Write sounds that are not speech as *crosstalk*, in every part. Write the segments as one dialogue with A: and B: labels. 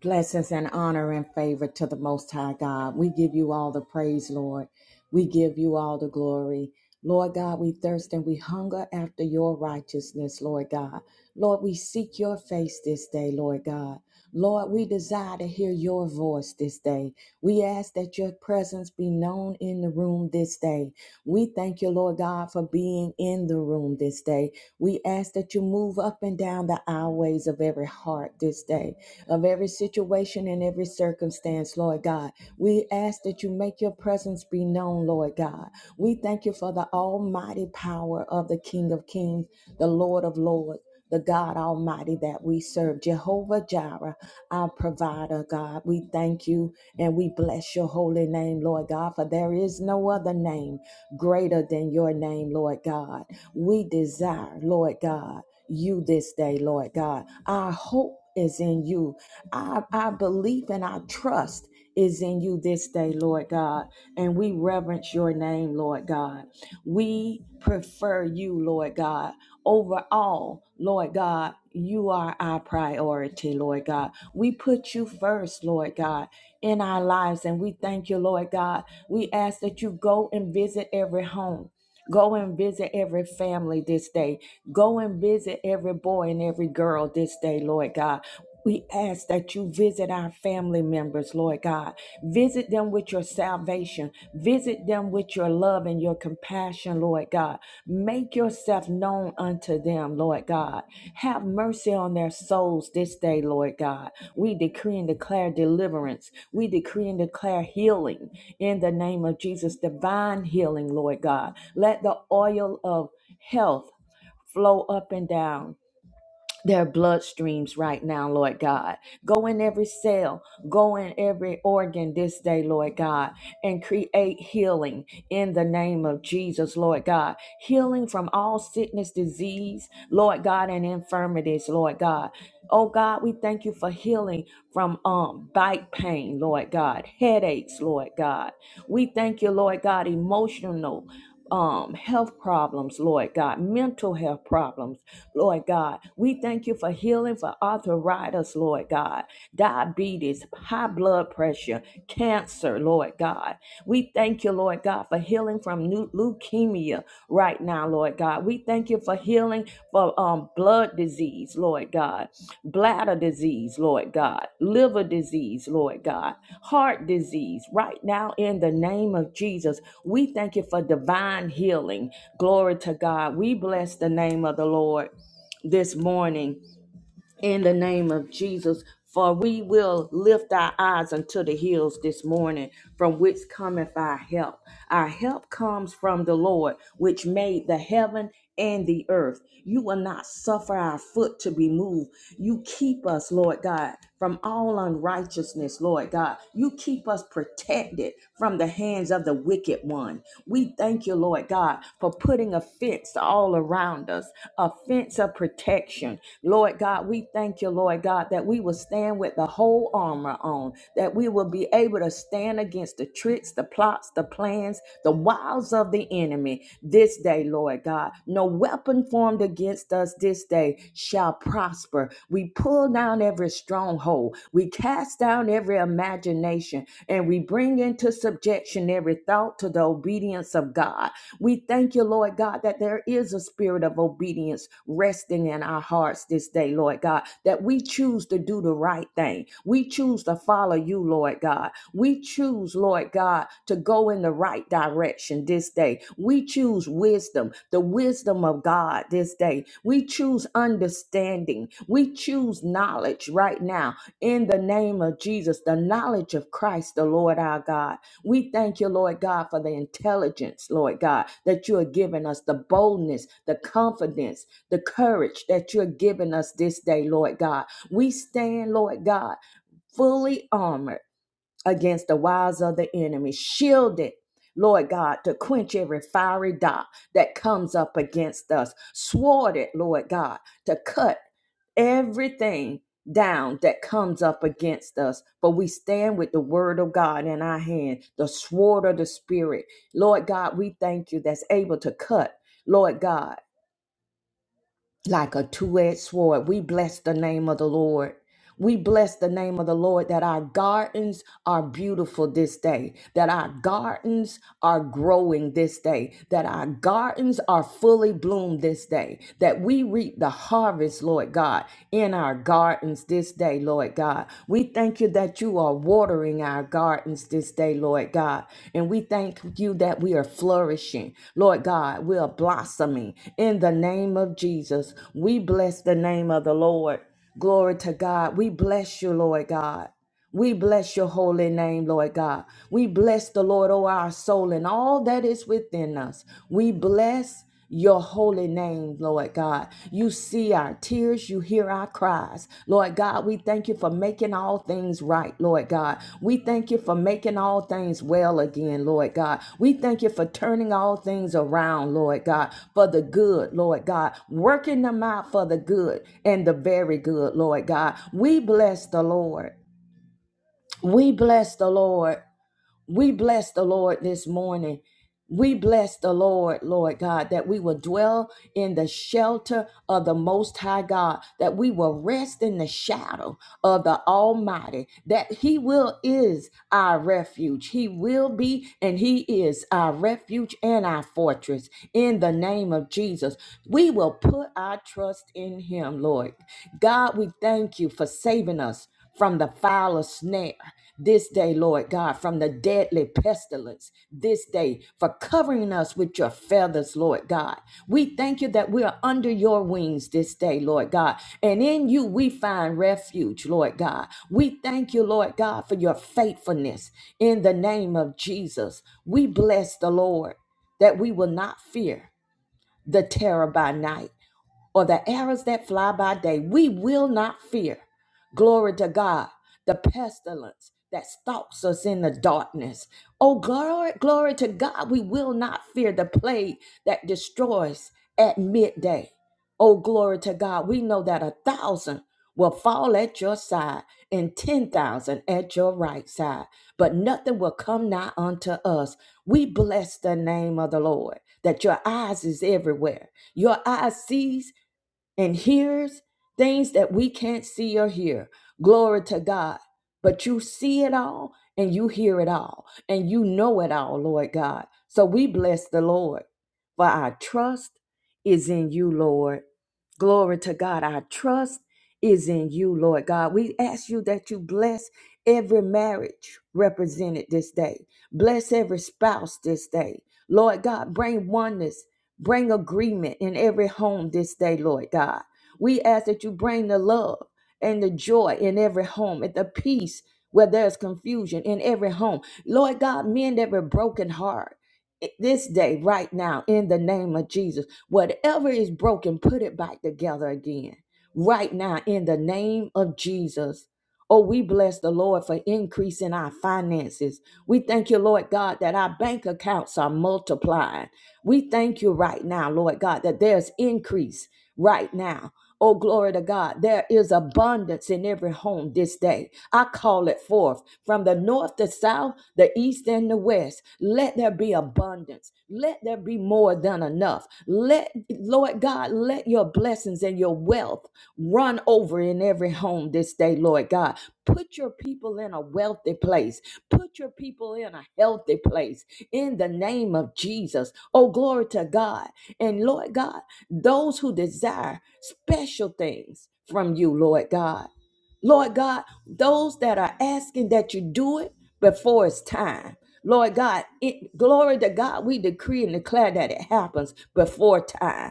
A: Blessings and honor and favor to the Most High God. We give you all the praise, Lord. We give you all the glory. Lord God, we thirst and we hunger after your righteousness, Lord God. Lord, we seek your face this day, Lord God. Lord, we desire to hear your voice this day. We ask that your presence be known in the room this day. We thank you, Lord God, for being in the room this day. We ask that you move up and down the aisleways of every heart this day of every situation and every circumstance, Lord God. We ask that you make your presence be known, Lord God. We thank you for the almighty power of the King of Kings, the Lord of Lords. The God Almighty that we serve, Jehovah Jireh, our provider, God. We thank you and we bless your holy name, Lord God, for there is no other name greater than your name, Lord God. We desire, Lord God, you this day, Lord God. Our hope is in you. Our, our belief and our trust is in you this day, Lord God. And we reverence your name, Lord God. We prefer you, Lord God. Overall, Lord God, you are our priority, Lord God. We put you first, Lord God, in our lives. And we thank you, Lord God. We ask that you go and visit every home. Go and visit every family this day. Go and visit every boy and every girl this day, Lord God. We ask that you visit our family members, Lord God. Visit them with your salvation. Visit them with your love and your compassion, Lord God. Make yourself known unto them, Lord God. Have mercy on their souls this day, Lord God. We decree and declare deliverance. We decree and declare healing in the name of Jesus, divine healing, Lord God. Let the oil of health flow up and down their bloodstreams right now, Lord God. Go in every cell, go in every organ this day, Lord God, and create healing in the name of Jesus, Lord God. Healing from all sickness, disease, Lord God, and infirmities, Lord God. Oh God, we thank you for healing from um bite pain, Lord God, headaches, Lord God. We thank you, Lord God, emotional um health problems, Lord God, mental health problems. Lord God. We thank you for healing for arthritis, Lord God, diabetes, high blood pressure, cancer, Lord God. We thank you, Lord God, for healing from new leukemia right now, Lord God. We thank you for healing for um, blood disease, Lord God, bladder disease, Lord God, liver disease, Lord God, heart disease right now in the name of Jesus. We thank you for divine healing. Glory to God. We bless the name of the Lord this morning in the name of Jesus. For we will lift our eyes unto the hills this morning, from which cometh our help. Our help comes from the Lord, which made the heaven and the earth. You will not suffer our foot to be moved. You keep us, Lord God from all unrighteousness, Lord God. You keep us protected from the hands of the wicked one. We thank you, Lord God, for putting a fence all around us, a fence of protection. Lord God, we thank you, Lord God, that we will stand with the whole armor on on, that we will be able to stand against the tricks, the plots, the plans, the wiles of the enemy this day, Lord God. No weapon formed against us this day shall prosper. We pull down every stronghold, we cast down every imagination, and we bring into subjection every thought to the obedience of God. We thank you, Lord God, that there is a spirit of obedience resting in our hearts this day, Lord God, that we choose to do the right thing. We choose to follow you, Lord God. We choose, Lord God, to go in the right direction this day. We choose wisdom, the wisdom of God this day. We choose understanding. We choose knowledge right now in the name of Jesus, the knowledge of Christ, the Lord our God. We thank you, Lord God, for the intelligence, Lord God, that you are giving us, the boldness, the confidence, the courage that you're giving us this day, Lord God. We stand, Lord God, fully armored against the wiles of the enemy. Shield it, Lord God, to quench every fiery dot that comes up against us. Sword it, Lord God, to cut everything down that comes up against us. For we stand with the word of God in our hand, the sword of the spirit. Lord God, we thank you that's able to cut. Lord God like a two-edged sword. We bless the name of the Lord. We bless the name of the Lord that our gardens are beautiful this day, that our gardens are growing this day, that our gardens are fully bloomed this day, that we reap the harvest, Lord God, in our gardens this day, Lord God. We thank you that you are watering our gardens this day, Lord God. And we thank you that we are flourishing. Lord God, we are blossoming in the name of Jesus. We bless the name of the Lord. Glory to God. We bless you, Lord God. We bless your holy name, Lord God. We bless the Lord, oh, our soul, and all that is within us. We bless your holy name, Lord God. You see our tears, you hear our cries. Lord God, we thank you for making all things right, Lord God. We thank you for making all things well again, Lord God. We thank you for turning all things around, Lord God, for the good, Lord God, working them out for the good and the very good, Lord God. We bless the Lord. We bless the Lord. We bless the Lord this morning. We bless the Lord, Lord God, that we will dwell in the shelter of the Most High God, that we will rest in the shadow of the Almighty, that He will is our refuge. He will be and He is our refuge and our fortress. In the name of Jesus, we will put our trust in Him, Lord. God, we thank you for saving us from the foul snare this day, Lord God, from the deadly pestilence this day, for covering us with your feathers, Lord God. We thank you that we are under your wings this day, Lord God, and in you we find refuge, Lord God. We thank you, Lord God, for your faithfulness in the name of Jesus. We bless the Lord that we will not fear the terror by night or the arrows that fly by day. We will not fear. Glory to God. The pestilence that stalks us in the darkness. Oh, glory, glory to God. We will not fear the plague that destroys at midday. Oh, glory to God. We know that a thousand will fall at your side and 10,000 at your right side, but nothing will come nigh unto us. We bless the name of the Lord that your eyes is everywhere. Your eyes sees and hears things that we can't see or hear. Glory to God. But you see it all and you hear it all and you know it all, Lord God. So we bless the Lord. For our trust is in you, Lord. Glory to God. Our trust is in you, Lord God. We ask you that you bless every marriage represented this day, bless every spouse this day. Lord God, bring oneness Bring agreement in every home this day, Lord God. We ask that you bring the love and the joy in every home, and the peace where there's confusion in every home. Lord God, mend every broken heart i- this day, right now, in the name of Jesus. Whatever is broken, put it back together again, right now, in the name of Jesus. Oh, we bless the Lord for increasing our finances. We thank you, Lord God, that our bank accounts are multiplied. We thank you right now, Lord God, that there's increase right now. Oh, glory to God. There is abundance in every home this day. I call it forth from the north, the south, the east, and the west. Let there be abundance. Let there be more than enough. Let, Lord God, let your blessings and your wealth Run over in every home this day, Lord God. Put your people in a wealthy place. Put your people in a healthy place in the name of Jesus. Oh, glory to God. And Lord God, those who desire special things from you, Lord God. Lord God, those that are asking that you do it before it's time. Lord God, it, glory to God, we decree and declare that it happens before time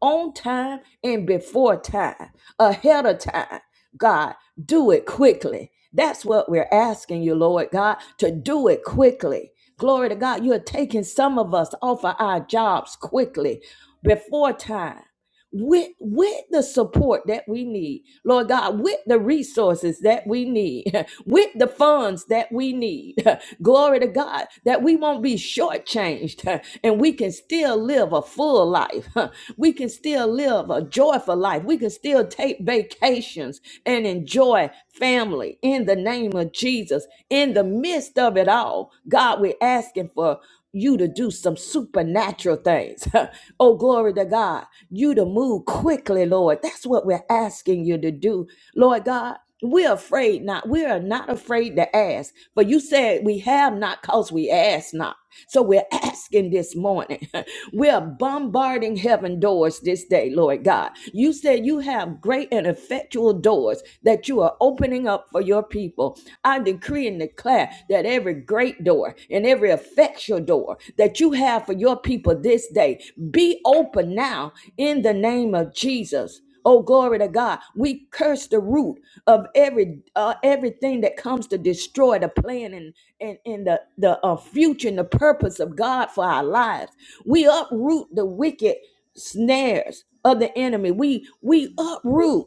A: on time and before time, ahead of time. God, do it quickly. That's what we're asking you, Lord God, to do it quickly. Glory to God, you're taking some of us off of our jobs quickly, before time with with the support that we need lord god with the resources that we need *laughs* with the funds that we need *laughs* glory to god that we won't be shortchanged *laughs* and we can still live a full life *laughs* we can still live a joyful life we can still take vacations and enjoy family in the name of jesus in the midst of it all god we're asking for you to do some supernatural things. *laughs* oh, glory to God. You to move quickly, Lord. That's what we're asking you to do, Lord God. We're afraid not. We are not afraid to ask. for you said we have not because we ask not. So we're *laughs* asking this morning. *laughs* we're bombarding heaven doors this day, Lord God. You said you have great and effectual doors that you are opening opening up for your people. I decree and declare that every great door and every effectual door that you have for your people this day be open now in the name of Jesus. Oh glory to God. We curse the root of every uh, everything that comes to destroy the plan and and, and the the uh, future and the purpose of God for our lives. We uproot the wicked snares of the enemy. We we uproot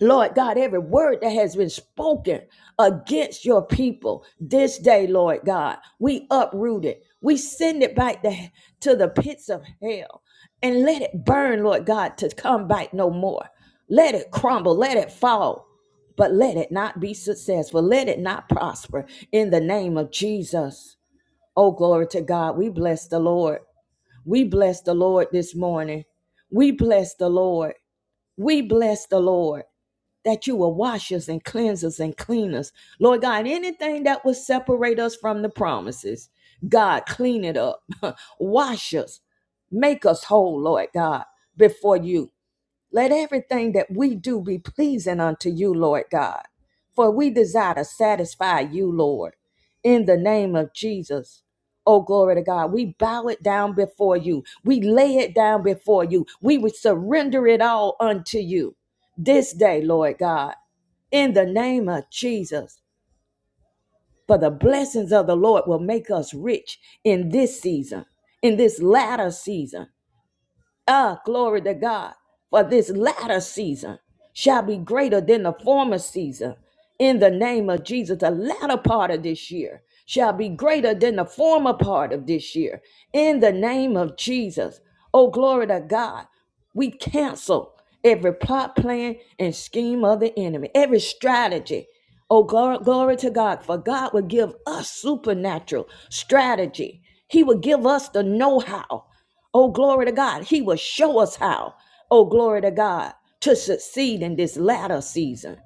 A: Lord God, every word that has been spoken against your people this day, Lord God, we uproot it. We send it back to, to the pits of hell and let it burn, Lord God, to come back no more. Let it crumble, let it fall, but let it not be successful. Let it not prosper in the name of Jesus. Oh, glory to God. We bless the Lord. We bless the Lord this morning. We bless the Lord. We bless the Lord that you will wash us and cleanse us and clean us. Lord God, anything that will separate us from the promises, God, clean it up. *laughs* wash us. Make us whole, Lord God, before you. Let everything that we do be pleasing unto you, Lord God. For we desire to satisfy you, Lord, in the name of Jesus. Oh, glory to God. We bow it down before you. We lay it down before you. We would surrender it all unto you this day, Lord God, in the name of Jesus. For the blessings of the Lord will make us rich in this season, in this latter season Ah, glory to God. For this latter season shall be greater than the former season. In the name of Jesus, the latter part of this year shall be greater than the former part of this year. In the name of Jesus. Oh, glory to God. We cancel every plot, plan, and scheme of the enemy, every strategy. Oh, glory, glory to God. For God will give us supernatural strategy. He will give us the know how. Oh, glory to God. He will show us how, oh, glory to God, to succeed in this latter season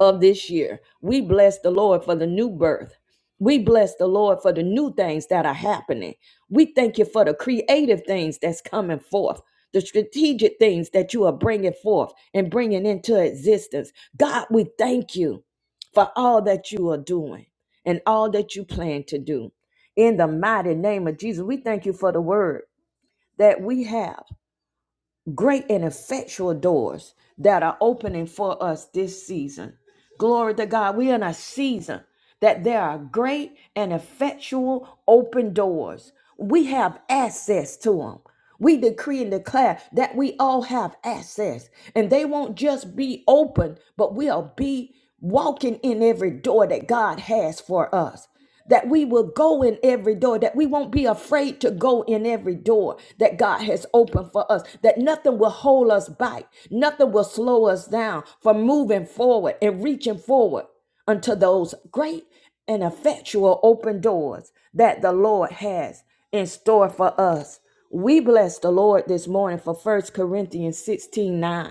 A: of this year. We bless the Lord for the new birth. We bless the Lord for the new things that are happening. We thank you for the creative things that's coming forth, the strategic things that you are bringing forth and bringing into existence. God, we thank you for all that you are doing and all that you plan to do. In the mighty name of Jesus, we thank you for the word that we have great and effectual doors that are opening for us this season. Glory to God. We are in a season that there are great and effectual open doors. We have access to them. We decree and declare that we all have access, and they won't just be open, but we'll be walking in every door that God has for us. That we will go in every door, that we won't be afraid to go in every door that God has opened for us, that nothing will hold us back, nothing will slow us down from moving forward and reaching forward unto those great and effectual open doors that the Lord has in store for us. We bless the Lord this morning for First Corinthians 16 9.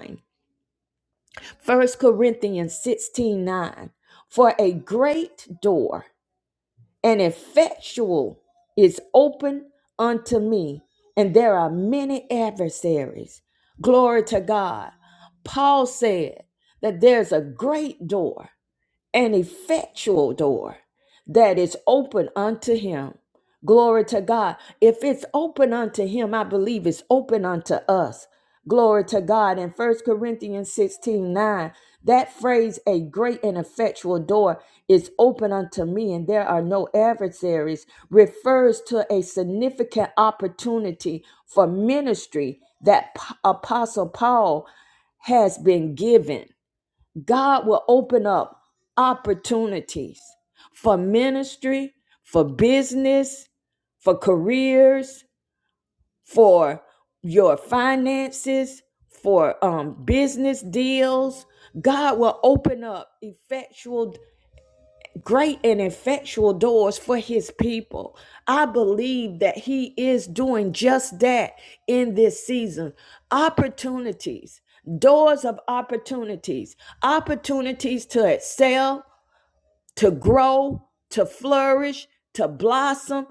A: First Corinthians 16 9, For a great door and effectual is open unto me, and there are many adversaries. Glory to God. Paul said that there's a great door an effectual door that is open unto him. Glory to God. If it's open unto him, I believe it's open unto us. Glory to God. In First Corinthians 16 9, that phrase, a great and effectual door is open unto me, and there are no adversaries, refers to a significant opportunity for ministry that P- Apostle Paul has been given. God will open up opportunities for ministry, for business, for careers, for your finances, for um, business deals. God will open up effectual great and effectual doors for his people. I believe that he is doing just that in this season. Opportunities, doors of opportunities, opportunities to excel, to grow, to flourish, to blossom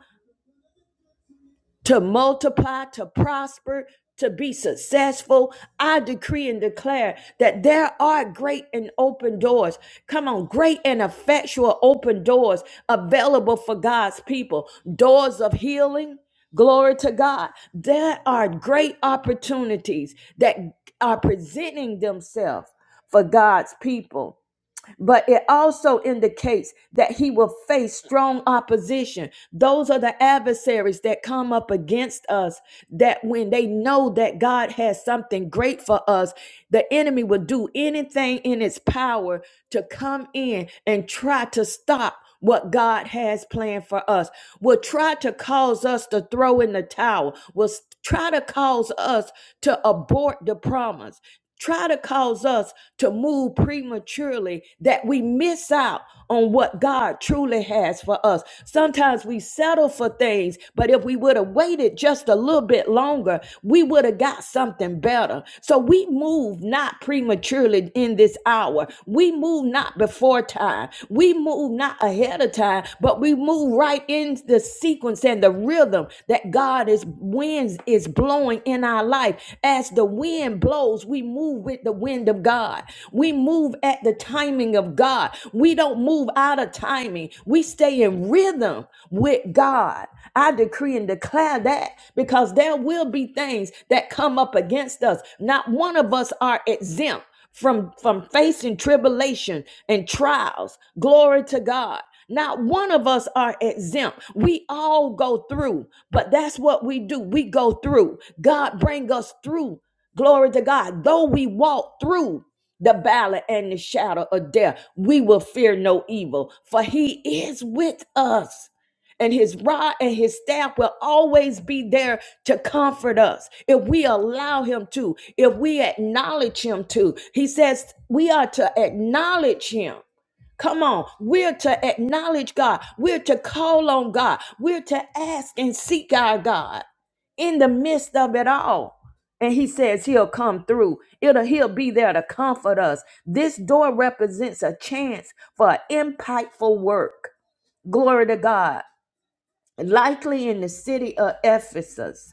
A: to multiply, to prosper, to be successful. I decree and declare that there are great and open doors. Come on, great and effectual open doors available for God's people, doors of healing. Glory to God. There are great opportunities that are presenting themselves for God's people but it also indicates that he will face strong opposition. Those are the adversaries that come up against us, that when they know that God has something great for us, the enemy will do anything in its power to come in and try to stop. What God has planned for us will try to cause us to throw in the towel, will s- try to cause us to abort the promise try to cause us to move prematurely that we miss out on what God truly has for us. Sometimes we settle for things, but if we would have waited just a little bit longer, we would have got something better. So we move not prematurely in this hour. We move not before time. We move not ahead of time, but we move right in the sequence and the rhythm that God is winds is blowing in our life as the wind blows blows, we move with the wind of God. We move at the timing of God. We don't move out of timing. We stay in rhythm with God. I decree and declare that because there will be things that come up against us. Not one of us are exempt from from facing tribulation and trials. Glory to God. Not one of us are exempt. We all go through, but that's what we do. We go through. God bring us through Glory to God. Though we walk through the valley and the shadow of death, we will fear no evil, for he is with us. And his rod and his staff will always be there to comfort us if we allow him to, if we acknowledge him to. He says we are to acknowledge him Come on. We're to acknowledge God. We're to call on God. We're to ask and seek our God in the midst of it all. And he says he'll come through. It'll, he'll be there to comfort us. This door represents a chance for impactful work. Glory to God. Likely in the city of Ephesus,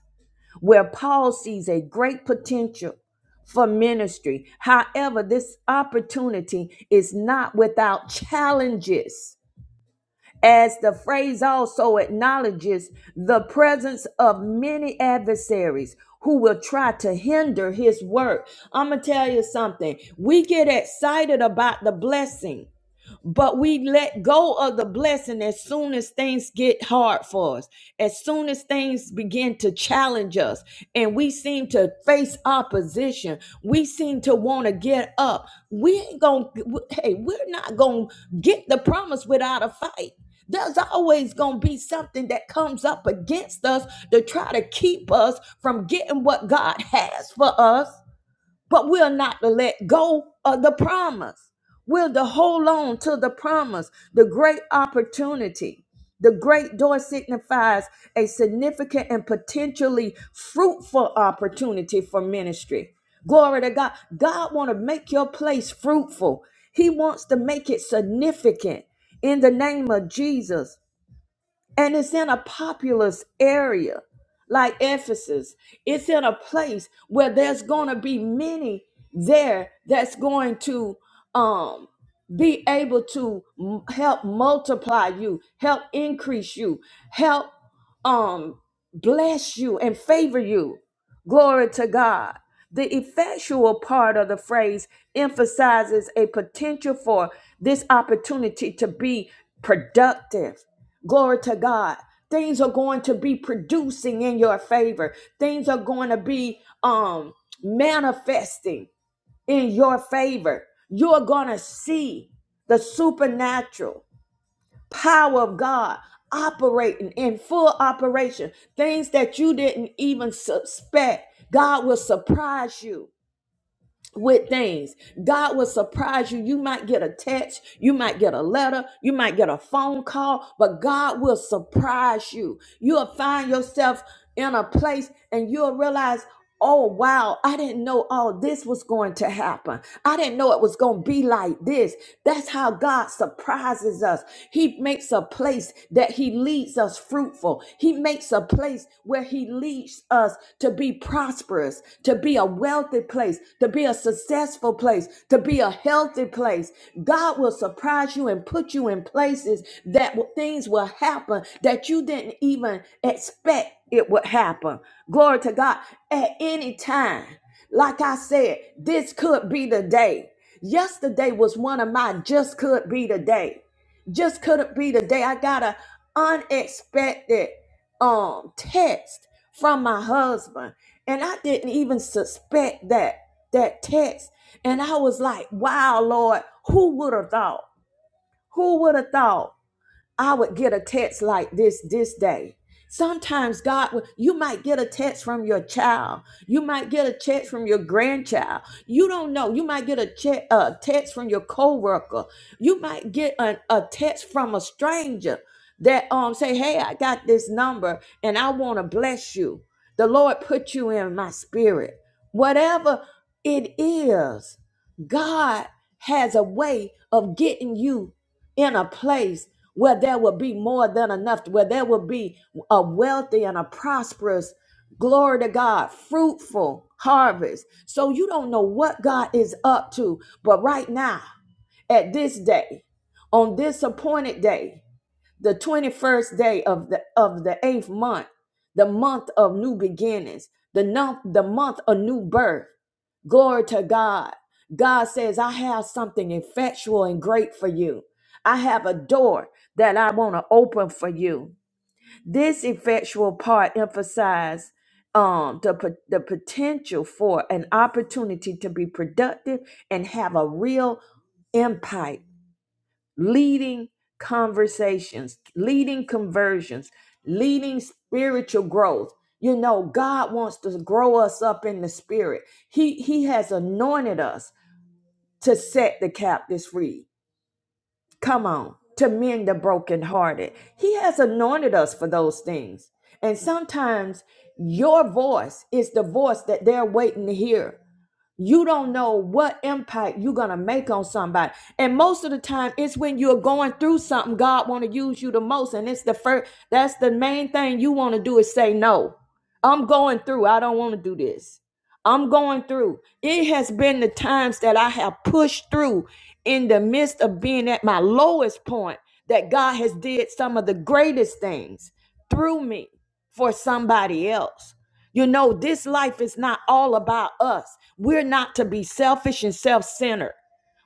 A: where Paul sees a great potential for ministry. However, this opportunity is not without challenges as the phrase also acknowledges the presence of many adversaries who will try to hinder his work. I'm going to tell you something. We get excited about the blessing but we let go of the blessing as soon as things get hard for us, as soon as things begin to challenge us, and we seem to face opposition. We seem to want to get up. We ain't gonna, hey, we're not gonna get the promise without a fight. There's always going to be something that comes up against us to try to keep us from getting what God has for us but we're not to let go of the promise. We're to hold on to the promise, the great opportunity. The great door signifies a significant and potentially fruitful opportunity for ministry. Glory to God. God want to make your place fruitful. He wants to make it significant in the name of Jesus. And it's in a populous area like Ephesus. It's in a place where there's going to be many there that's going to um, be able to m- help multiply you, help increase you, help um, bless you and favor you. Glory to God. The effectual part of the phrase emphasizes a potential for this opportunity to be productive Glory to God. Things are going to be producing in your favor. Things are going to be um manifesting in your favor. You're going to see the supernatural power of God operating in full operation. Things that you didn't even suspect. God will surprise you with things. God will surprise you. You might get a text, you might get a letter, you might get a phone call, but God will surprise you. You'll find yourself in a place and you'll realize. Oh wow, I didn't know all this was going to happen. I didn't know it was going to be like this. That's how God surprises us. He makes makes a place that He leads us fruitful. He makes a place where He leads us to be prosperous, to be a wealthy place, to be a successful place, to be a healthy place. God will surprise you and put you in places that w- things will happen that you didn't even expect it would happen. Glory to God. At any time, like I said, this could be the day. Yesterday was one of my just could be the day just couldn't be the day I got an unexpected um text from my husband and I didn't even suspect that that text and I was like wow lord who would have thought who would have thought I would get a text like this this day. Sometimes God will, you might get a text from your child. You might get a text from your grandchild. You don't know. You might get a, che- a text from your coworker. You might get an, a text from a stranger that um say, "Hey, I got this number and I want to bless you. The Lord put you in my spirit." Whatever it is, God has a way of getting you in a place where there will be more than enough, where there will be a wealthy and a prosperous, glory to God, fruitful harvest. So you don't know what God is up to, but right now, at this day, on this appointed day, the 21st day of the of the eighth month the month of new beginnings the month the month of new birth glory to god god says i have something effectual and great for you i have a door that i want to open for you this effectual part emphasizes um, the, po- the potential for an opportunity to be productive and have a real impact leading conversations, leading conversions, leading spiritual growth. You know, God wants to grow us up in the spirit. He he has anointed us to set the captives free. Come on, to mend the brokenhearted. He has anointed us for those things. And sometimes your voice is the voice that they're waiting to hear. You don't know what impact you're gonna make on somebody. And most of the time, it's when you're going through something, God wanna use you the most. And it's the first that's the main thing you wanna do is say no. I'm going through. I don't wanna do this. I'm going through. It has been the times that I have pushed through in the midst of being at my lowest point that God has did some of the greatest things through me for somebody else. You know, this life is not all about us. We're not to be selfish and self centered.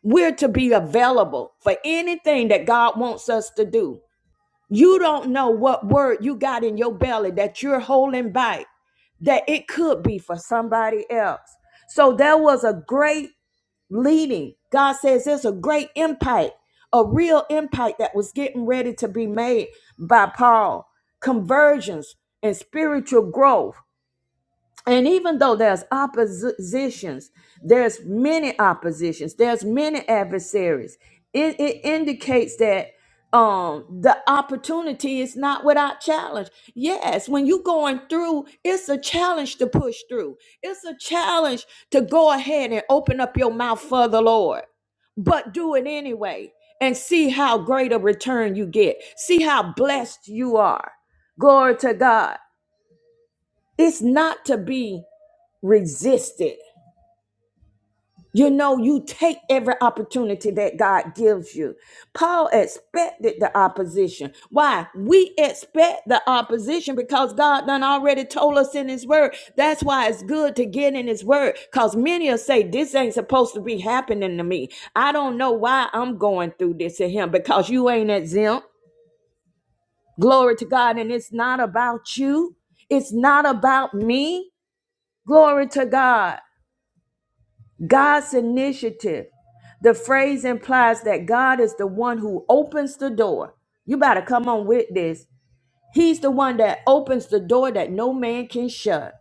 A: We're to be available for anything that God wants us to do. You don't know what word you got in your belly that you're holding back, that it could be for somebody else. So there was a great leading. God says there's a great impact, a real impact that was getting ready to be made by Paul. Conversions and spiritual growth and even though there's oppositions, there's many oppositions, there's many adversaries. It, it indicates that um, the opportunity is not without challenge. Yes, when you're going through, it's a challenge to push through. It's a challenge to go ahead and open up your mouth for the Lord, but do it anyway and see how great a return you get. See how blessed you are. Glory to God. It's not to be resist it. You know, you take every opportunity that God gives you. Paul expected the opposition. Why? We expect the opposition because God done already told us in his word. That's why it's good to get in his word. Because many will say, This ain't supposed to be happening to me. I don't know why I'm going through this to him because you ain't exempt. Glory to God. And it's not about you. It's not about me. Glory to God. God's initiative. The phrase implies that God is the one who opens the door. You better come on with this. He's the one that opens the door that no man can shut.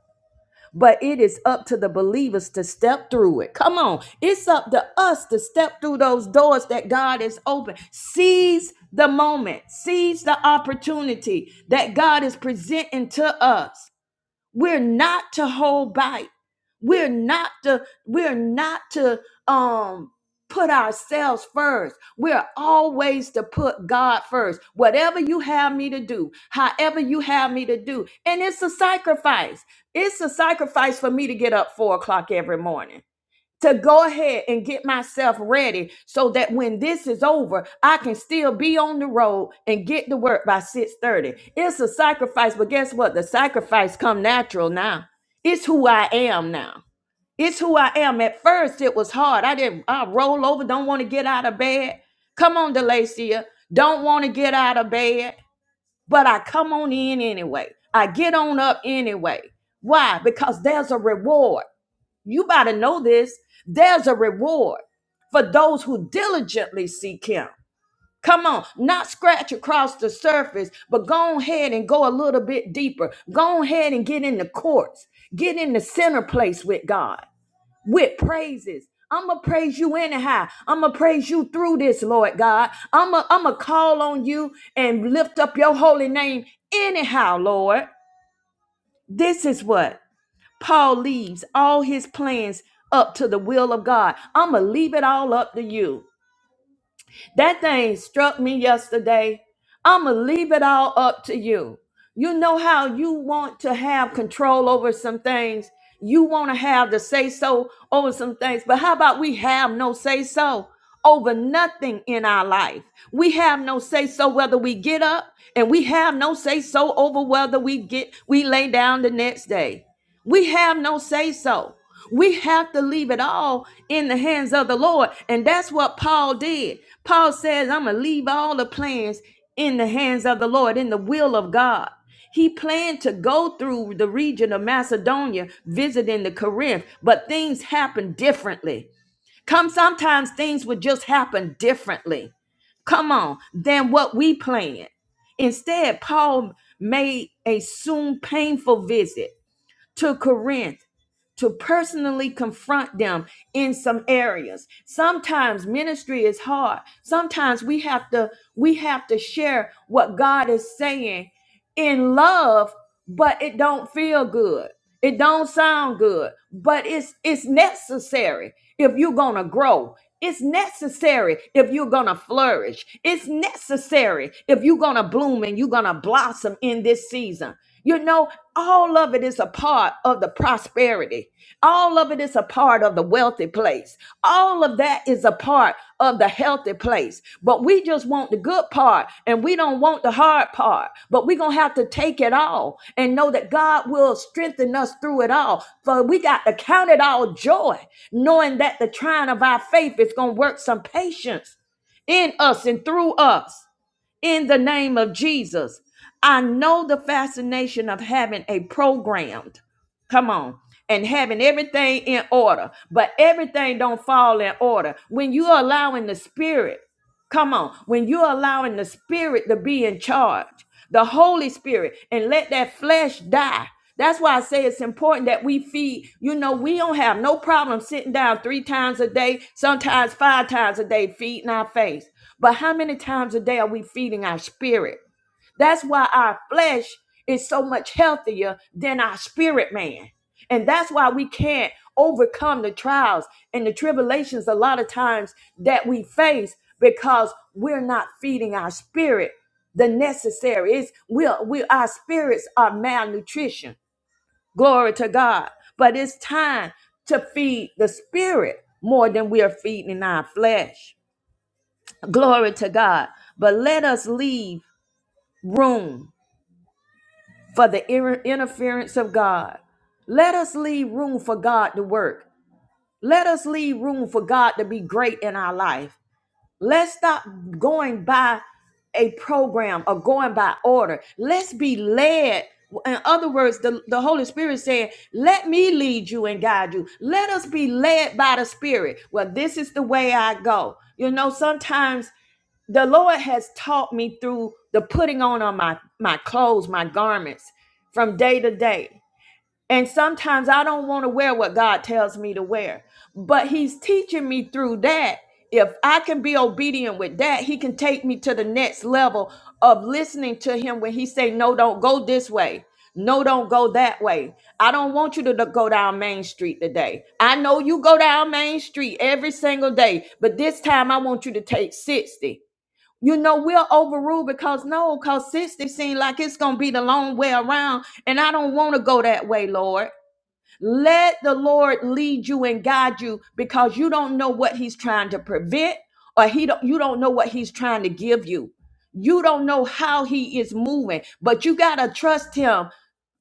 A: But it is up to the believers to step through it. Come on. It's up to us to step through those doors that God has opened. Seize the moment, seize the opportunity that God is presenting to us. We're not to hold back. We're not to we're not to um put ourselves first. We're always to put God first. Whatever you have me to do, however you have me to do. And it's a sacrifice. It's a sacrifice for me to get up four o'clock every morning to go ahead and get myself ready so that when this is over, I can still be on the road and get to work by 6:30. It's a sacrifice, but guess what? The sacrifice come natural now. It's who I am now. It's who I am. At first it was hard. I didn't I roll over, don't want to get out of bed. Come on, Delacia. Don't want to get out of bed, but I come on in anyway. I get on up anyway. Why? Because there's a reward. You got to know this. There's a reward for those who diligently seek Him. Come on, not scratch across the surface, but go ahead and go a little bit deeper. Go ahead and get in the courts, get in the center place with God, with praises. I'm gonna praise you anyhow. I'm gonna praise you through this, Lord God. I'm gonna I'm gonna call on you and lift up your holy name anyhow, Lord. This is what? Paul leaves all his plans up to the will of God. I'm going to leave it all up to you. That thing struck me yesterday. I'm going to leave it all up to you. You know how you want to have control over some things. You want to have the say so over some things. But how about we have no say so over nothing in our life? We have no say so whether we get up and we have no say so over whether we get we lay down the next day. We have no say so. We have to leave it all in the hands of the Lord. And that's what Paul did. Paul says, I'm going to leave all the plans in the hands of the Lord, in the will of God. He planned to go through the region of Macedonia, visiting the Corinth, but things happened differently. Come, sometimes things would just happen differently. Come on, than what we planned. Instead, Paul made a soon painful visit to Corinth to personally confront them in some areas. Sometimes ministry is hard. Sometimes we have to we have to share what God is saying in love, but it don't feel good. It don't sound good, but it's it's necessary if you're going to grow. It's necessary if you're going to flourish. It's necessary if you're going to bloom and you're going to blossom in this season. You know, all of it is a part of the prosperity. All of it is a part of the wealthy place. All of that is a part of the healthy place. But we just want the good part and we don't want the hard part. But we're going to have to take it all and know that God will strengthen us through it all. For we got to count it all joy, knowing that the trying of our faith is going to work some patience in us and through us in the name of Jesus. I know the fascination of having a programmed, come on, and having everything in order, but everything don't fall in order. When you are allowing the spirit Come on. When you're allowing the spirit to be in charge, the Holy Spirit, and let that flesh die. That's why I say it's important that we feed. You know, we don't have no problem sitting down three times a day, sometimes five times a day, feeding our face. But how many times a day are we feeding our spirit? That's why our flesh is so much healthier than our spirit man. And that's why we can't overcome the trials and the tribulations a lot of times that we face because we're not feeding our spirit the necessary. It's we we our spirits are malnutrition. Glory to God. But it's time to feed the spirit more than we are feeding our flesh. Glory to God. But let us leave room for the inter- interference of God. Let us leave room for God to work. Let us leave room for God to be great in our life. Let's stop going by a program or going by order. Let's be led. In other words, the, the Holy Spirit said, Let me lead you and guide you. Let us be led by the Spirit. Well, this is the way I go. You know, sometimes the Lord has taught me through the putting on of my my clothes, my garments from day to day. And sometimes I don't want to wear what God tells me to wear, but he's teaching me through that. If I can be obedient with that, he can take me to the next level of listening to him when he say no don't go this way. No, don't go that way. I don't want you to do- go down Main Street today. I know you go down Main Street every single day, but this time I want you to take 60 you know, we'll overrule because no, because 60 seems like it's going to be the long way around. And I don't want to go that way, Lord. Let the Lord lead you and guide you because you don't know what he's trying to prevent or he don't you don't know what he's trying to give you. You don't know how he is moving, but you got to trust him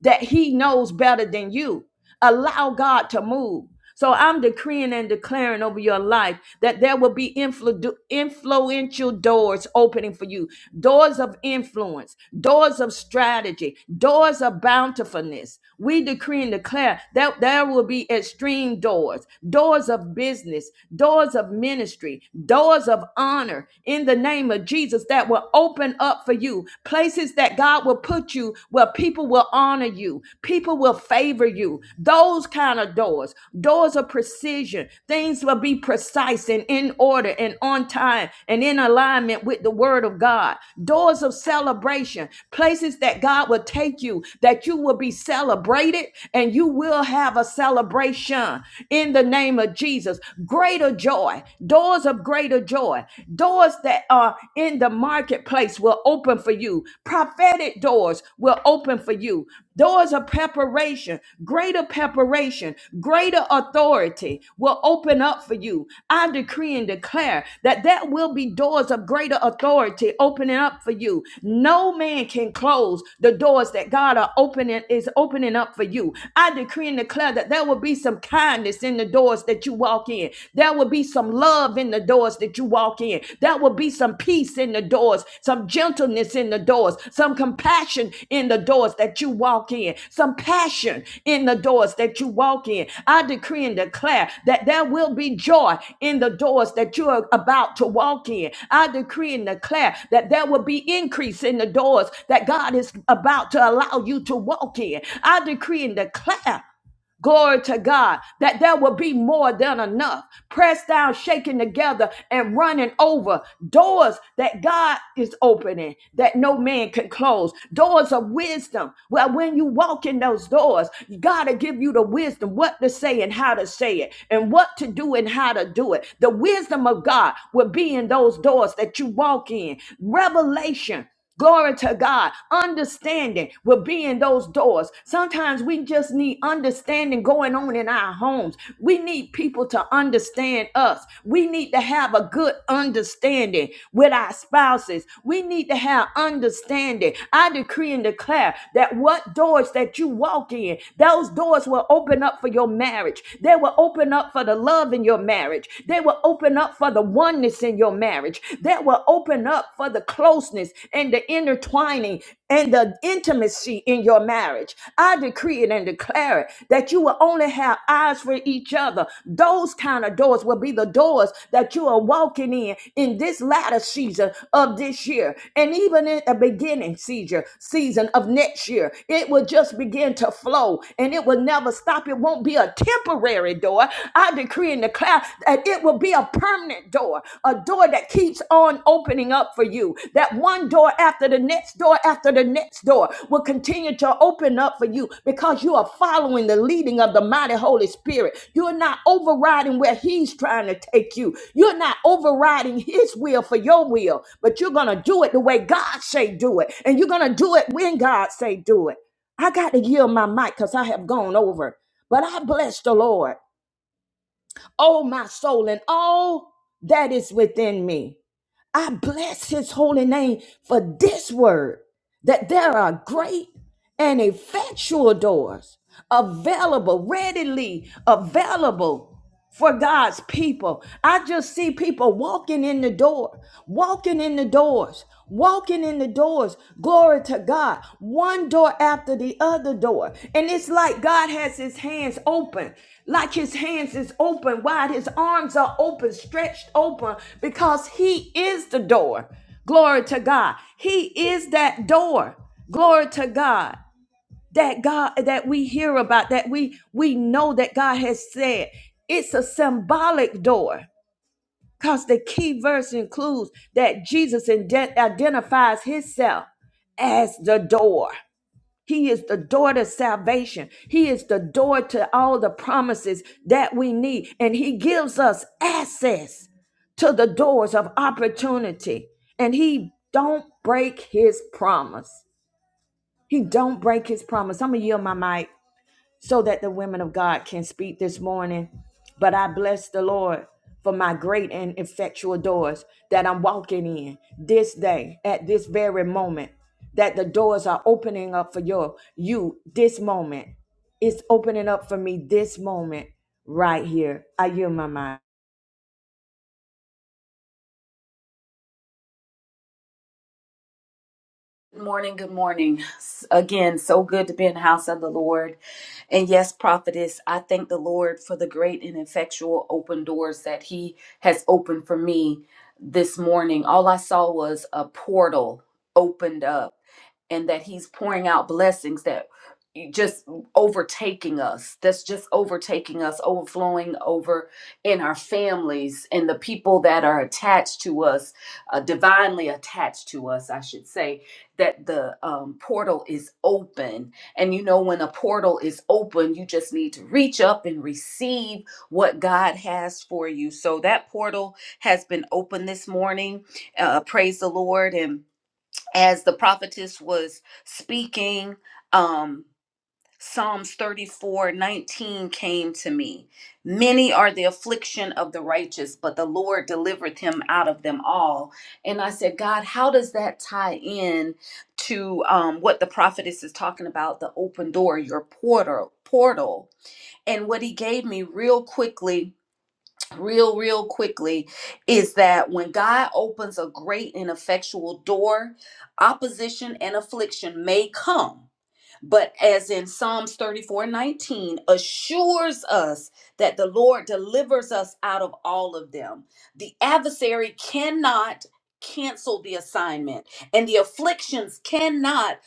A: that he knows better than you. Allow God to move. So I'm decreeing and declaring over your life that there will be influ- influential doors opening for you, doors of influence, doors of strategy, doors of bountifulness. We decree and declare that there will be extreme doors, doors of business, doors of ministry, doors of honor in the name of Jesus that will open up for you. Places that God will put you where people will honor you, people will favor you. Those kind of doors, doors of precision. Things will be precise and in order and on time and in alignment with the word of God. Doors of celebration, places that God will take you, that you will be celebrated and you will have a celebration in the name of Jesus. Greater joy, doors of greater joy, doors that are in the marketplace will open for you. Prophetic doors will open for you. Doors of preparation, greater preparation, greater authority will open up for you. I decree and declare that there will be doors of greater authority opening up for you. No man can close the doors that God are opening is opening up for you. I decree and declare that there will be some kindness in the doors that you walk in. There will be some love in the doors that you walk in praying, there will be some peace in the doors, some gentleness in the doors, some compassion in the doors that you walk in, some passion in the doors that you walk in. I decree and declare that there will be joy in the doors that you are about to walk in. I decree and declare that there will be increase in the doors that God is about to allow you to walk in. I decree and declare Glory to God that there will be more than enough. Pressed down, shaken together, and running over. Doors that God is opening that no man can close. Doors of wisdom. Well, when you walk in those doors, God will give you the wisdom what to say and how to say it, and what to do and how to do it. The wisdom of God will be in those doors that you walk in. Revelation. Glory to God. Understanding will be in those doors. Sometimes we just need understanding going on in our homes. We need people to understand us. We need to have a good understanding with our spouses. We need to have understanding. I decree and declare that what doors that you walk in, those doors will open up for your marriage. They will open up for the love in your marriage. They will open up for the oneness in your marriage that will open up for the closeness and the intertwining and the intimacy in your marriage. I decree it and declare it that you will only have eyes for each other. Those kind of doors will be the doors that you are walking in in this latter season of this year and even in the beginning season season of next year. It will just begin to flow and it will never stop. It won't be a temporary temporary door. I decree and declare that it will be a permanent door, a door that keeps on opening up for you. That one door after the next door after the next door will continue to open up for you because you are following the leading of the mighty Holy Spirit. You're not overriding where He's trying to take you. You're not overriding His will for your will, but you're gonna do it the way God say do it, and you're gonna do it when God say do it. I got to yield my mic because I have gone over. But I bless the Lord, oh my soul, and all that is within me. I bless his holy name for this word that there are great and effectual doors available, readily available for God's people. I just see people walking in the door, walking in the doors, walking in the doors. Glory to God. One door after the other door. And it's like God has his hands open, like his hands is open wide. His arms are open, stretched open because he is the door. Glory to God. He is that door. Glory to God that God that we hear about that we we know that God has said it's a symbolic door because the key verse includes that Jesus inde- identifies himself as the door. He is the door to salvation. He is the door to all the promises that we need and he gives us access to the doors of opportunity and he don't break his promise. He don't break his promise. I'm going to yield my mic so that the women of God can speak this morning. But I bless the Lord for my great and effectual doors that I'm walking in this day at this very moment. That the doors are opening up for you, you this moment. It's opening up for me this moment right here. I yield my mind.
B: Good morning, good morning. S- Again, so good to be in the house of the Lord. And yes, prophetess, I thank the Lord for the great and effectual open doors that He has opened for me this morning. All I saw was a portal opened up and that he's pouring out blessings that just overtaking us that's just overtaking us overflowing over in our families and the people that are attached to us uh, divinely attached to us i should say that the um, portal is open. And you know, when a portal is open, you just need to reach up and receive what God has for you. So that portal has been open this morning. Uh, praise the Lord. And as the prophetess was speaking, um, Psalms 34 19 came to me. Many are the affliction of the righteous, but the Lord delivereth him out of them all. And I said, God, how does that tie in to um, what the prophetess is talking about the open door, your portal, portal? And what he gave me real quickly, real, real quickly, is that when God opens a great and effectual door, opposition and affliction may come but as in Psalms 34 19 assures us that the Lord delivers us out of all of them. The adversary cannot cancel the assignment, and the afflictions cannot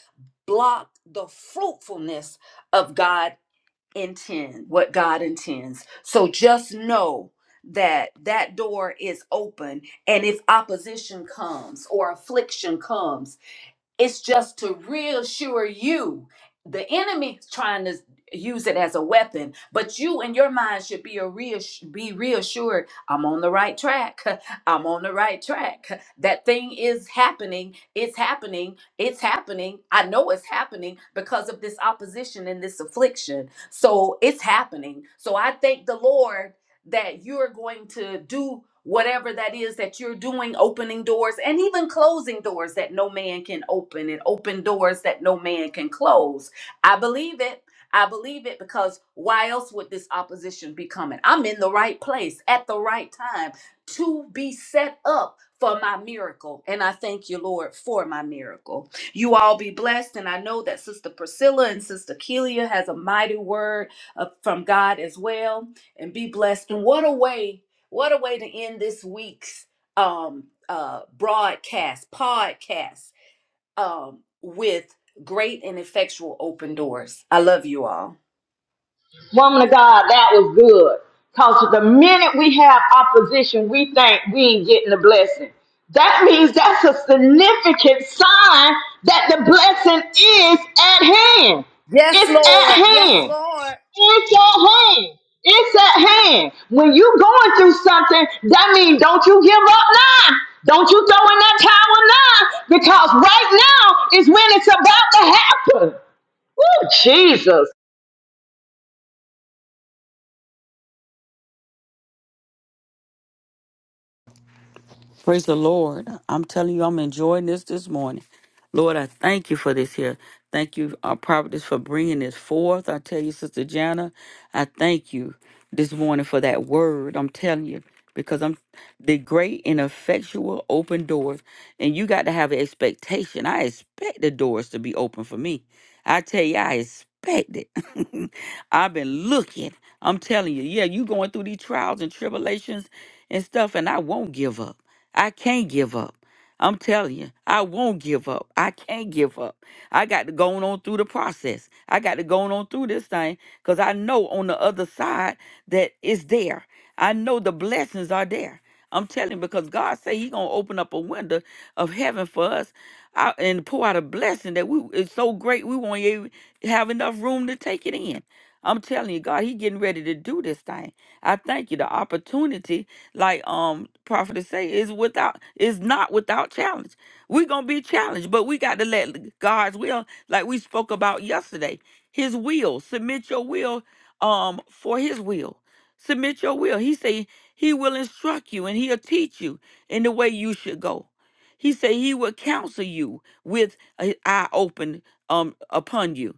B: block the fruitfulness of God intend what God intends. So just know that that door is open and if opposition comes or affliction comes it's just to reassure you. The enemy's trying to use it as a weapon, but you in your mind should be a reass- be reassured. I'm on the right track. *laughs* I'm on the right track. That thing is happening. It's happening. It's happening. I know it's happening because of this opposition and this affliction. So it's happening. So I thank the Lord that you're going to do whatever that is that you're doing, opening doors and even closing doors that no man can open and open doors that no man can close. I believe it. I believe it because why else would this opposition be coming? I'm in the right place at the right time to be set up for my miracle. And I thank you, Lord, for my miracle. You all be blessed. And I know that Sister Priscilla and Sister Kelia has a mighty word uh, from God as well and be blessed. And what a way, what a way to end this week's um uh broadcast, podcast um with great and effectual open doors. I love you all.
A: Woman of God, that was good. Because the minute we have opposition, we think we ain't getting the blessing. That means that's a significant sign that the blessing is at hand.
B: Yes,
A: It's at
B: Lord. Yes,
A: hand.
B: Lord.
A: It's at hand. It's at hand. When you going through something, that means don't you give up now. Don't you throw in that towel now. Because right now is when it's about to happen. Oh, Jesus.
C: Praise the Lord. I'm telling you, I'm enjoying this this morning. Lord, I thank you for this here. Thank you, our prophetess, for bringing this forth. I tell you, Sister Jana, I thank you this morning for that word. I'm telling you, because I'm the great and effectual open doors, and you got to have an expectation. I expect the doors to be open for me. I tell you, I expect it. *laughs* I've been looking. I'm telling you, yeah, you going through these trials and tribulations and stuff, and I won't give up. I can't give up. I'm telling you, I won't give up. I can't give up. I got to go on through the process. I got to go on through this thing because I know on the other side that it's there. I know the blessings are there. I'm telling you, because God say He gonna open up a window of heaven for us out and pour out a blessing that we it's so great we won't even have enough room to take it in. I'm telling you, God, He getting ready to do this thing. I thank you the opportunity like um prophet say is without is not without challenge we're gonna be challenged but we got to let god's will like we spoke about yesterday his will submit your will um for his will submit your will he say he will instruct you and he'll teach you in the way you should go he say he will counsel you with an eye open um upon you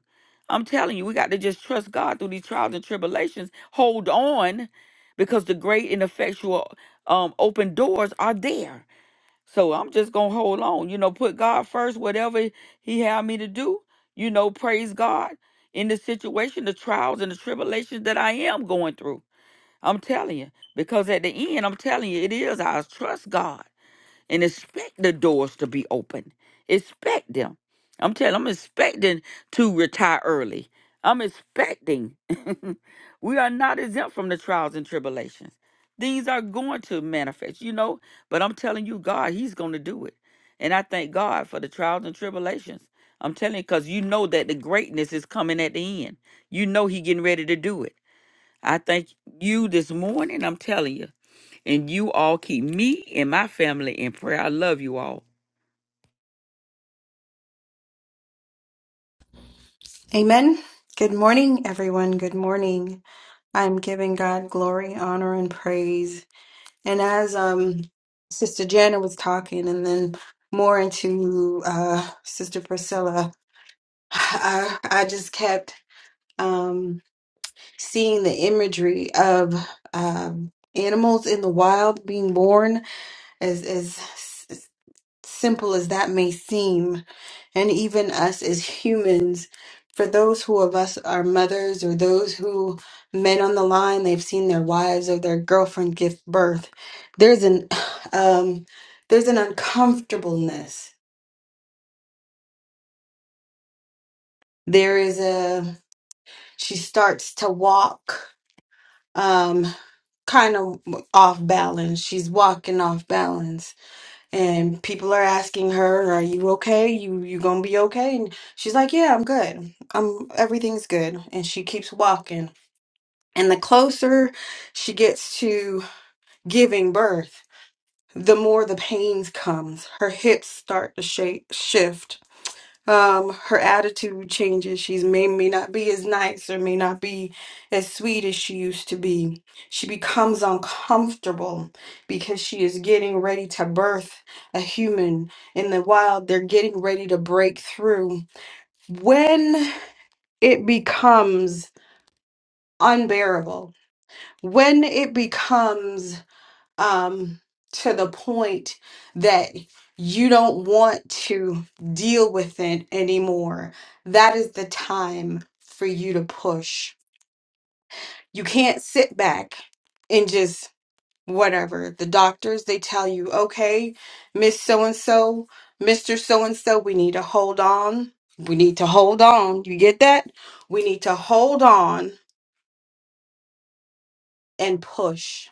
C: i'm telling you we got to just trust god through these trials and tribulations hold on because the great and effectual um open doors are there. So I'm just gonna hold on, you know, put God first, whatever He had me to do, you know, praise God in the situation, the trials and the tribulations that I am going through. I'm telling you, because at the end, I'm telling you, it is I trust God and expect the doors to be open. Expect them. I'm telling. I'm expecting to retire early. I'm expecting. *laughs* we are not exempt from the trials and tribulations. Things are going to manifest, you know. But I'm telling you, God, He's going to do it, and I thank God for the trials and tribulations. I'm telling you, because you know that the greatness is coming at the end. You know He getting ready to do it. I thank you this morning. I'm telling you. And you all keep me and my family in prayer. I love you all.
D: Amen. Good morning, everyone. Good morning. I'm giving God glory, honor, and praise. And as um, Sister Jana was talking, and then more into uh, Sister Priscilla, I, I just kept um, seeing the imagery of um, animals in the wild being born, as as s- simple as that may seem and even us as humans for those who of us are mothers or those who men on the line they've seen their wives or their girlfriend give birth there's an *sighs* um there's an uncomfortableness there is a she starts to walk um kind of off balance she's walking off balance and people are asking her are you okay you you gonna be okay and she's like yeah i'm good I'm everything's good and she keeps walking And the closer she gets to giving birth, the more the pains comes. Her hips start to shake, shift. Um, her attitude changes. She's may may not be as nice or may not be as sweet as she used to be. She becomes uncomfortable because she is getting ready to birth a human. In the wild, they're getting ready to break through. When it becomes unbearable, when it becomes um, to the point that you don't want to deal with it anymore, that is the time for you to push. You can't sit back and just whatever. The doctors, they tell you, okay, Miss So and so, Mr. So and so, we need to hold on. We need to hold on. You get that? We need to hold on and push.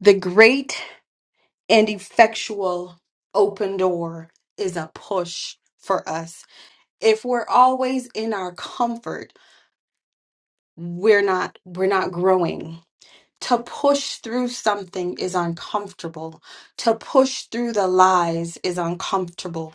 D: The great and effectual open door is a push for us if we're always in our comfort we're not we're not growing to push through something is uncomfortable. To push through the lies is uncomfortable.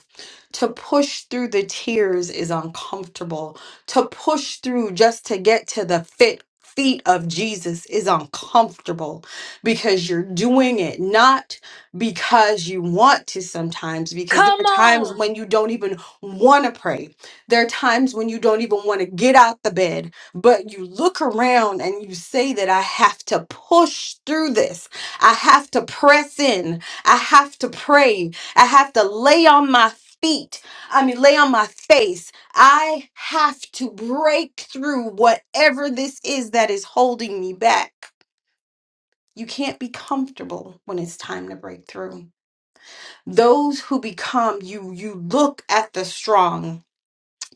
D: To push through the tears is uncomfortable. To push through just to get to the fit feet of Jesus is uncomfortable because you're doing it not because you want to sometimes because there
B: Come
D: are times
B: on.
D: when you don't even want to pray. There are times when you don't even want to get out the bed but you look around and you say that I have to push through this. I have to press in. I have to pray. I have to lay on my feet. I mean, lay on my face. I have to break through whatever this is that is holding me back. You can't be comfortable when it's time to break through. Those who become you, you look at the strong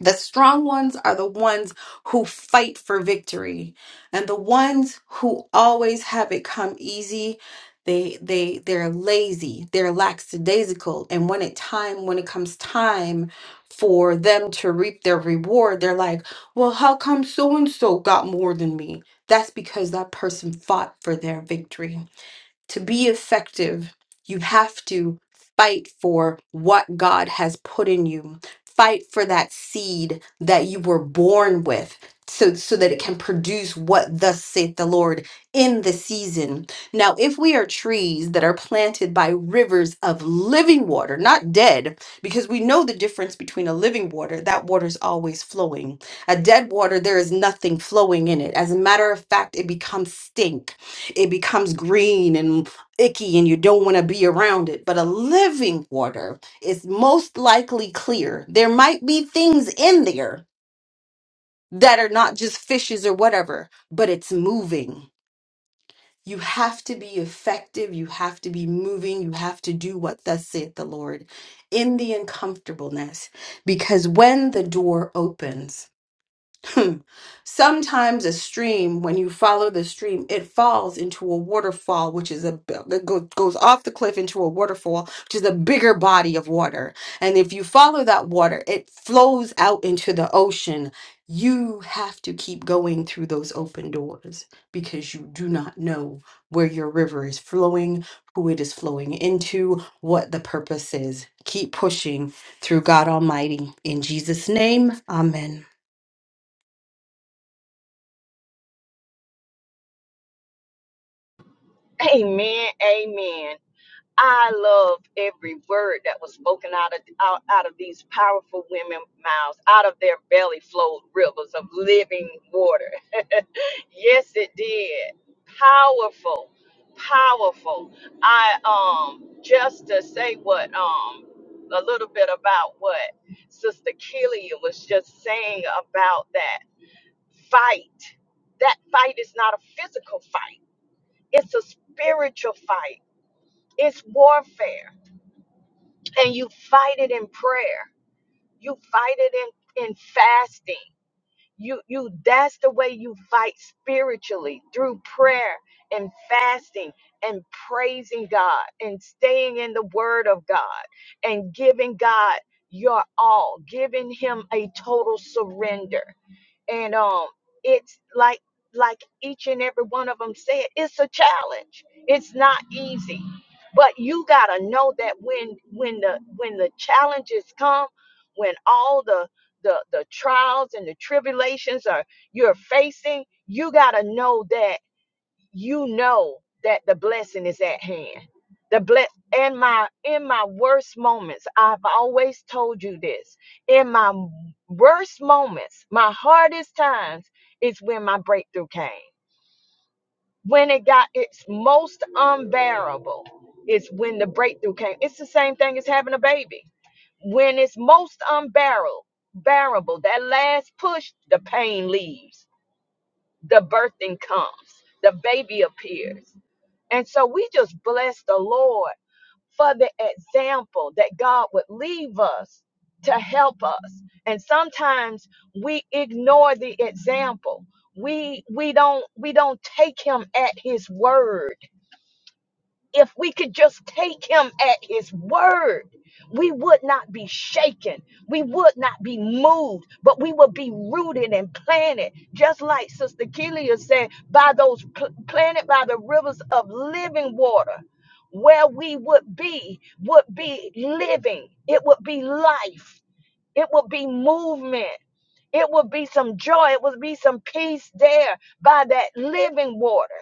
D: the strong ones are the ones who fight for victory, and the ones who always have it come easy, they they they're lazy, they're lackadaisical, and when it time when it comes time for them to reap their reward, they're like, "Well, how come so and so got more than me?" That's because that person fought for their victory to be effective, you have to fight for what God has put in you. Fight for that seed that you were born with so, so that it can produce what thus saith the Lord in the season. Now, if we are trees that are planted by rivers of living water, not dead, because we know the difference between a living water, that water is always flowing. A dead water, there is nothing flowing in it. As a matter of fact, it becomes stink it becomes green and icky and you don't want to be around it. But a living water is most likely clear. There might be things in there that are not just fishes or whatever, but it's moving. You have to be effective. You have to be moving. You have to do what thus saith the Lord in the uncomfortableness. Because when the door opens, *laughs* Sometimes a stream, when you follow the stream, it falls into a waterfall, which is a b- that go- goes off the cliff into a waterfall, which is a bigger body of water. And if you follow that water, it flows out into the ocean. You have to keep going through those open doors because you do not know where your river is flowing, who it is flowing into, what the purpose is. Keep pushing through God Almighty. In Jesus' name, amen.
A: Amen. Amen. I love every word that was spoken out of out, out of these powerful women mouths. Out of their belly flowed rivers of living water. *laughs* yes, it did. Powerful, powerful. I um just to say what um a little bit about what Sister Killia was just saying about that fight. That fight is not a physical fight. It's a spiritual fight. It's warfare and you fight it in prayer. You fight it in, in fasting you you that's the way you fight spiritually through prayer and fasting and praising God and staying in the word of God and giving God your all giving him a total surrender and um it's like like each and every one of them said it's a challenge it's not easy but you got to know that when when the when the challenges come when all the the the trials and the tribulations are you're facing, you got to know that you know that the blessing is at hand. The bless in my in my worst moments, I've always told you this. In my worst moments, my hardest times is when my breakthrough came when it got its most unbearable is when the breakthrough came. It's the same thing as having a baby. When it's most unbearable, bearable, that last push, the pain leaves, the birthing comes, the baby appears. And so we just bless the Lord for the example that God would leave us to help us. And sometimes we ignore the example. We we don't we don't take him at his word if we could just take him at his word, we would not be shaken. We would not be moved, but we would be rooted and planted, just like Sister Kelia said, by those pl- planted by the rivers of living water. Where we would be, would be living. It would be life. It would be movement. It would be some joy. It would be some peace there by that living water.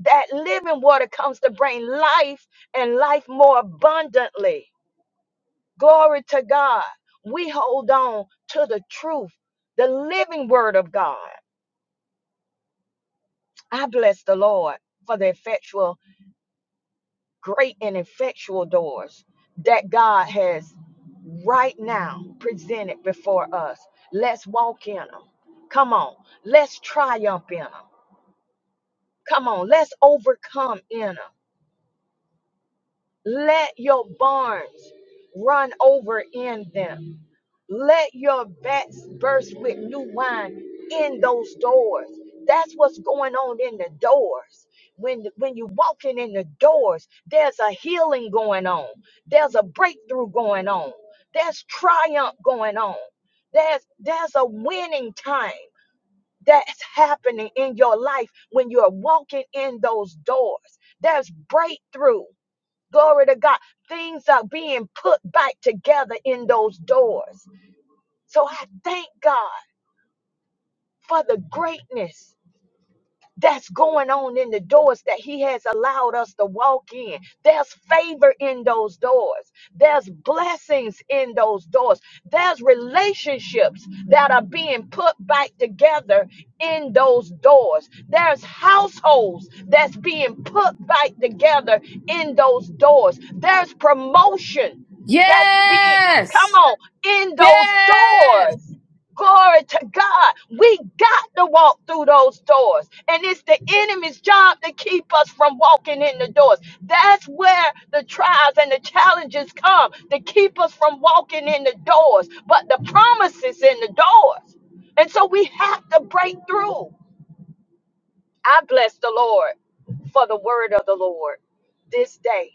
A: That living water comes to bring life and life more abundantly. Glory to God. We hold on to the truth, the living word of God. I bless the Lord for the effectual, great and effectual doors that God has right now presented before us. Let's walk in them. Come on. Let's triumph in them. Come on. Let's overcome in them. Let your barns run over in them. Let your vats burst with new wine in those doors. That's what's going on in the doors. When, when you're walking in the doors, there's a healing going on. There's a breakthrough going on. There's triumph going on. There's, there's a winning time that's happening in your life when you're walking in those doors. There's breakthrough. Glory to God. Things are being put back together in those doors. So I thank God for the greatness that's going on in the doors that He has allowed us to walk in. There's favor in those doors, there's blessings in those doors, there's relationships that are being put back together in those doors, there's households that's being put back together in those doors, there's promotion that's being, come
B: Yes.
A: on, in those
B: Yes.
A: doors. Glory to God. We got to walk through those doors. And it's the enemy's job to keep us from walking in the doors. That's where the trials and the challenges come to keep us from walking in the doors. But the promise is in the doors. And so we have to break through. I bless the Lord for the word of the Lord this day.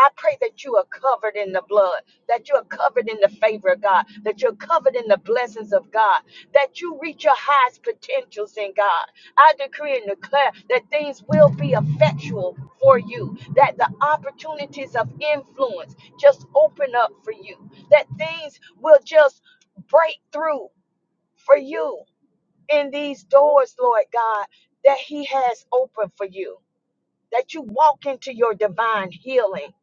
A: I pray that you are covered in the blood, that you are covered in the favor of God, that you're covered in the blessings of God, that you reach your highest potentials in God. I decree and declare that things will be effectual for you, that the opportunities of influence just open up for you, that things will just break through for you in these doors, Lord God, that He has opened for you that you walk into your divine healing.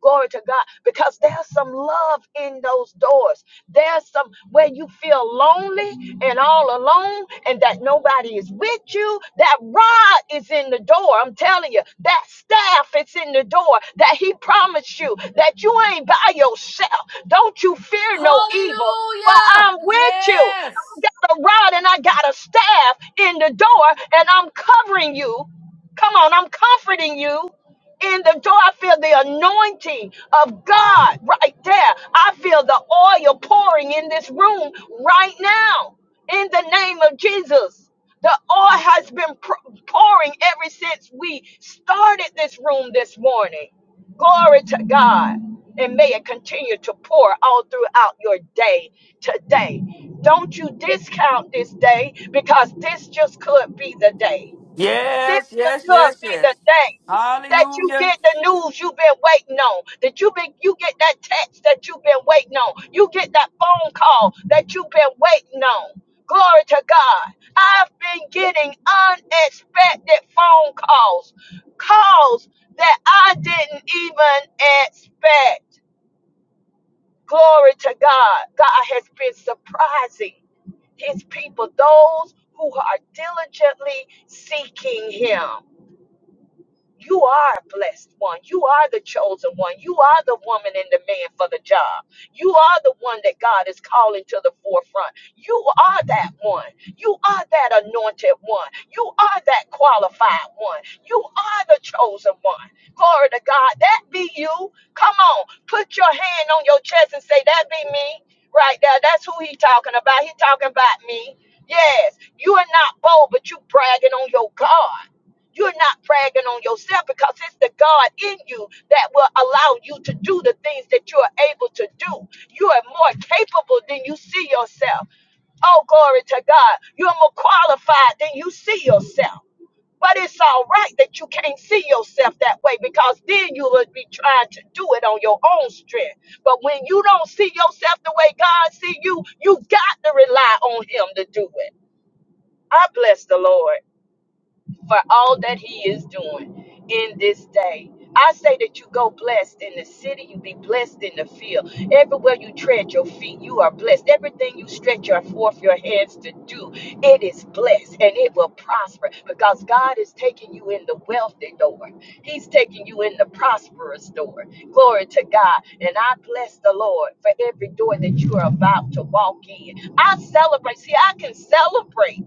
A: Glory to God, because there's some love in those doors. There's some where you feel lonely and all alone, and that nobody is with you. That rod is in the door. I'm telling you, that staff is in the door that He promised you that you ain't by yourself. Don't you fear no evil, for
B: Hallelujah.
A: I'm with you. I
B: Yes.
A: got a rod and I got a staff in the door, and I'm covering you Come on, I'm comforting you in the door. I feel the anointing of God right there. I feel the oil pouring in this room right now in the name of Jesus. The oil has been pr- pouring ever since we started this room this morning. Glory to God. And may it continue to pour all throughout your day today. Don't you discount this day because this just could be the day. This
C: Yes,
A: is
C: yes,
A: gonna
C: yes,
A: be the
C: yes.
A: day that you
C: Hallelujah.
A: get the news you've been waiting on. That you been you get that text that you've been waiting on. You get that phone call that you've been waiting on. Glory to God. I've been getting unexpected phone calls. Calls that I didn't even expect. Glory to God. God has been surprising his people, those who are diligently seeking him. You are a blessed one. You are the chosen one. You are the woman and the man for the job. You are the one that God is calling to the forefront. You are that one. You are that anointed one. You are that qualified one. You are the chosen one. Glory to God. That be you. Come on. Put your hand on your chest and say, That be me. Right there. That's who he talking about. He talking about me. Yes. You are not bold, but you bragging on your God. You're not bragging on yourself because it's the God in you that will allow you to do the things that you are able to do. You are more capable than you see yourself. Oh, glory to God. You're more qualified than you see yourself. But it's all right that you can't see yourself that way because then you would be trying to do it on your own strength. But when you don't see yourself the way God see you, you got to rely on Him to do it. I bless the Lord for all that he is doing in this day. I say that you go blessed in the city, you be blessed in the field. Everywhere you tread your feet, you are blessed. Everything you stretch your forth your hands to do, it is blessed and it will prosper because God is taking you in the wealthy door. He's taking you in the prosperous door. Glory to God. And I bless the Lord for every door that you are about to walk in. I celebrate. See, I can celebrate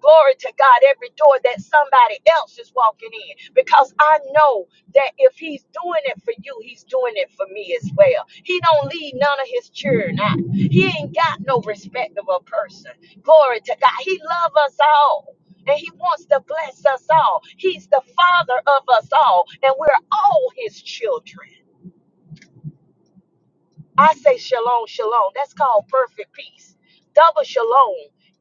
A: Glory to God, every door that somebody else is walking in. Because I know that if he's doing it for you, he's doing it for me as well. He don't leave none of his children out. He ain't got no respect of a person. Glory to God. He love us all. And he wants to bless us all. He's the father of us all. And we're all his children. I say shalom, shalom. That's called perfect peace. Double shalom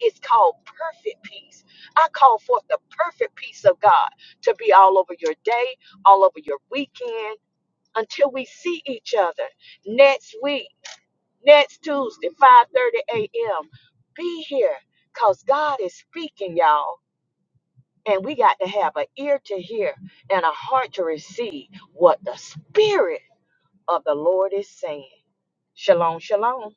A: is called perfect peace. I call forth the perfect peace of God to be all over your day, all over your weekend, until we see each other next week, next Tuesday, 5:30 a.m. Be here, cause God is speaking, y'all. And we got to have an ear to hear and a heart to receive what the Spirit of the Lord is saying. Shalom, shalom.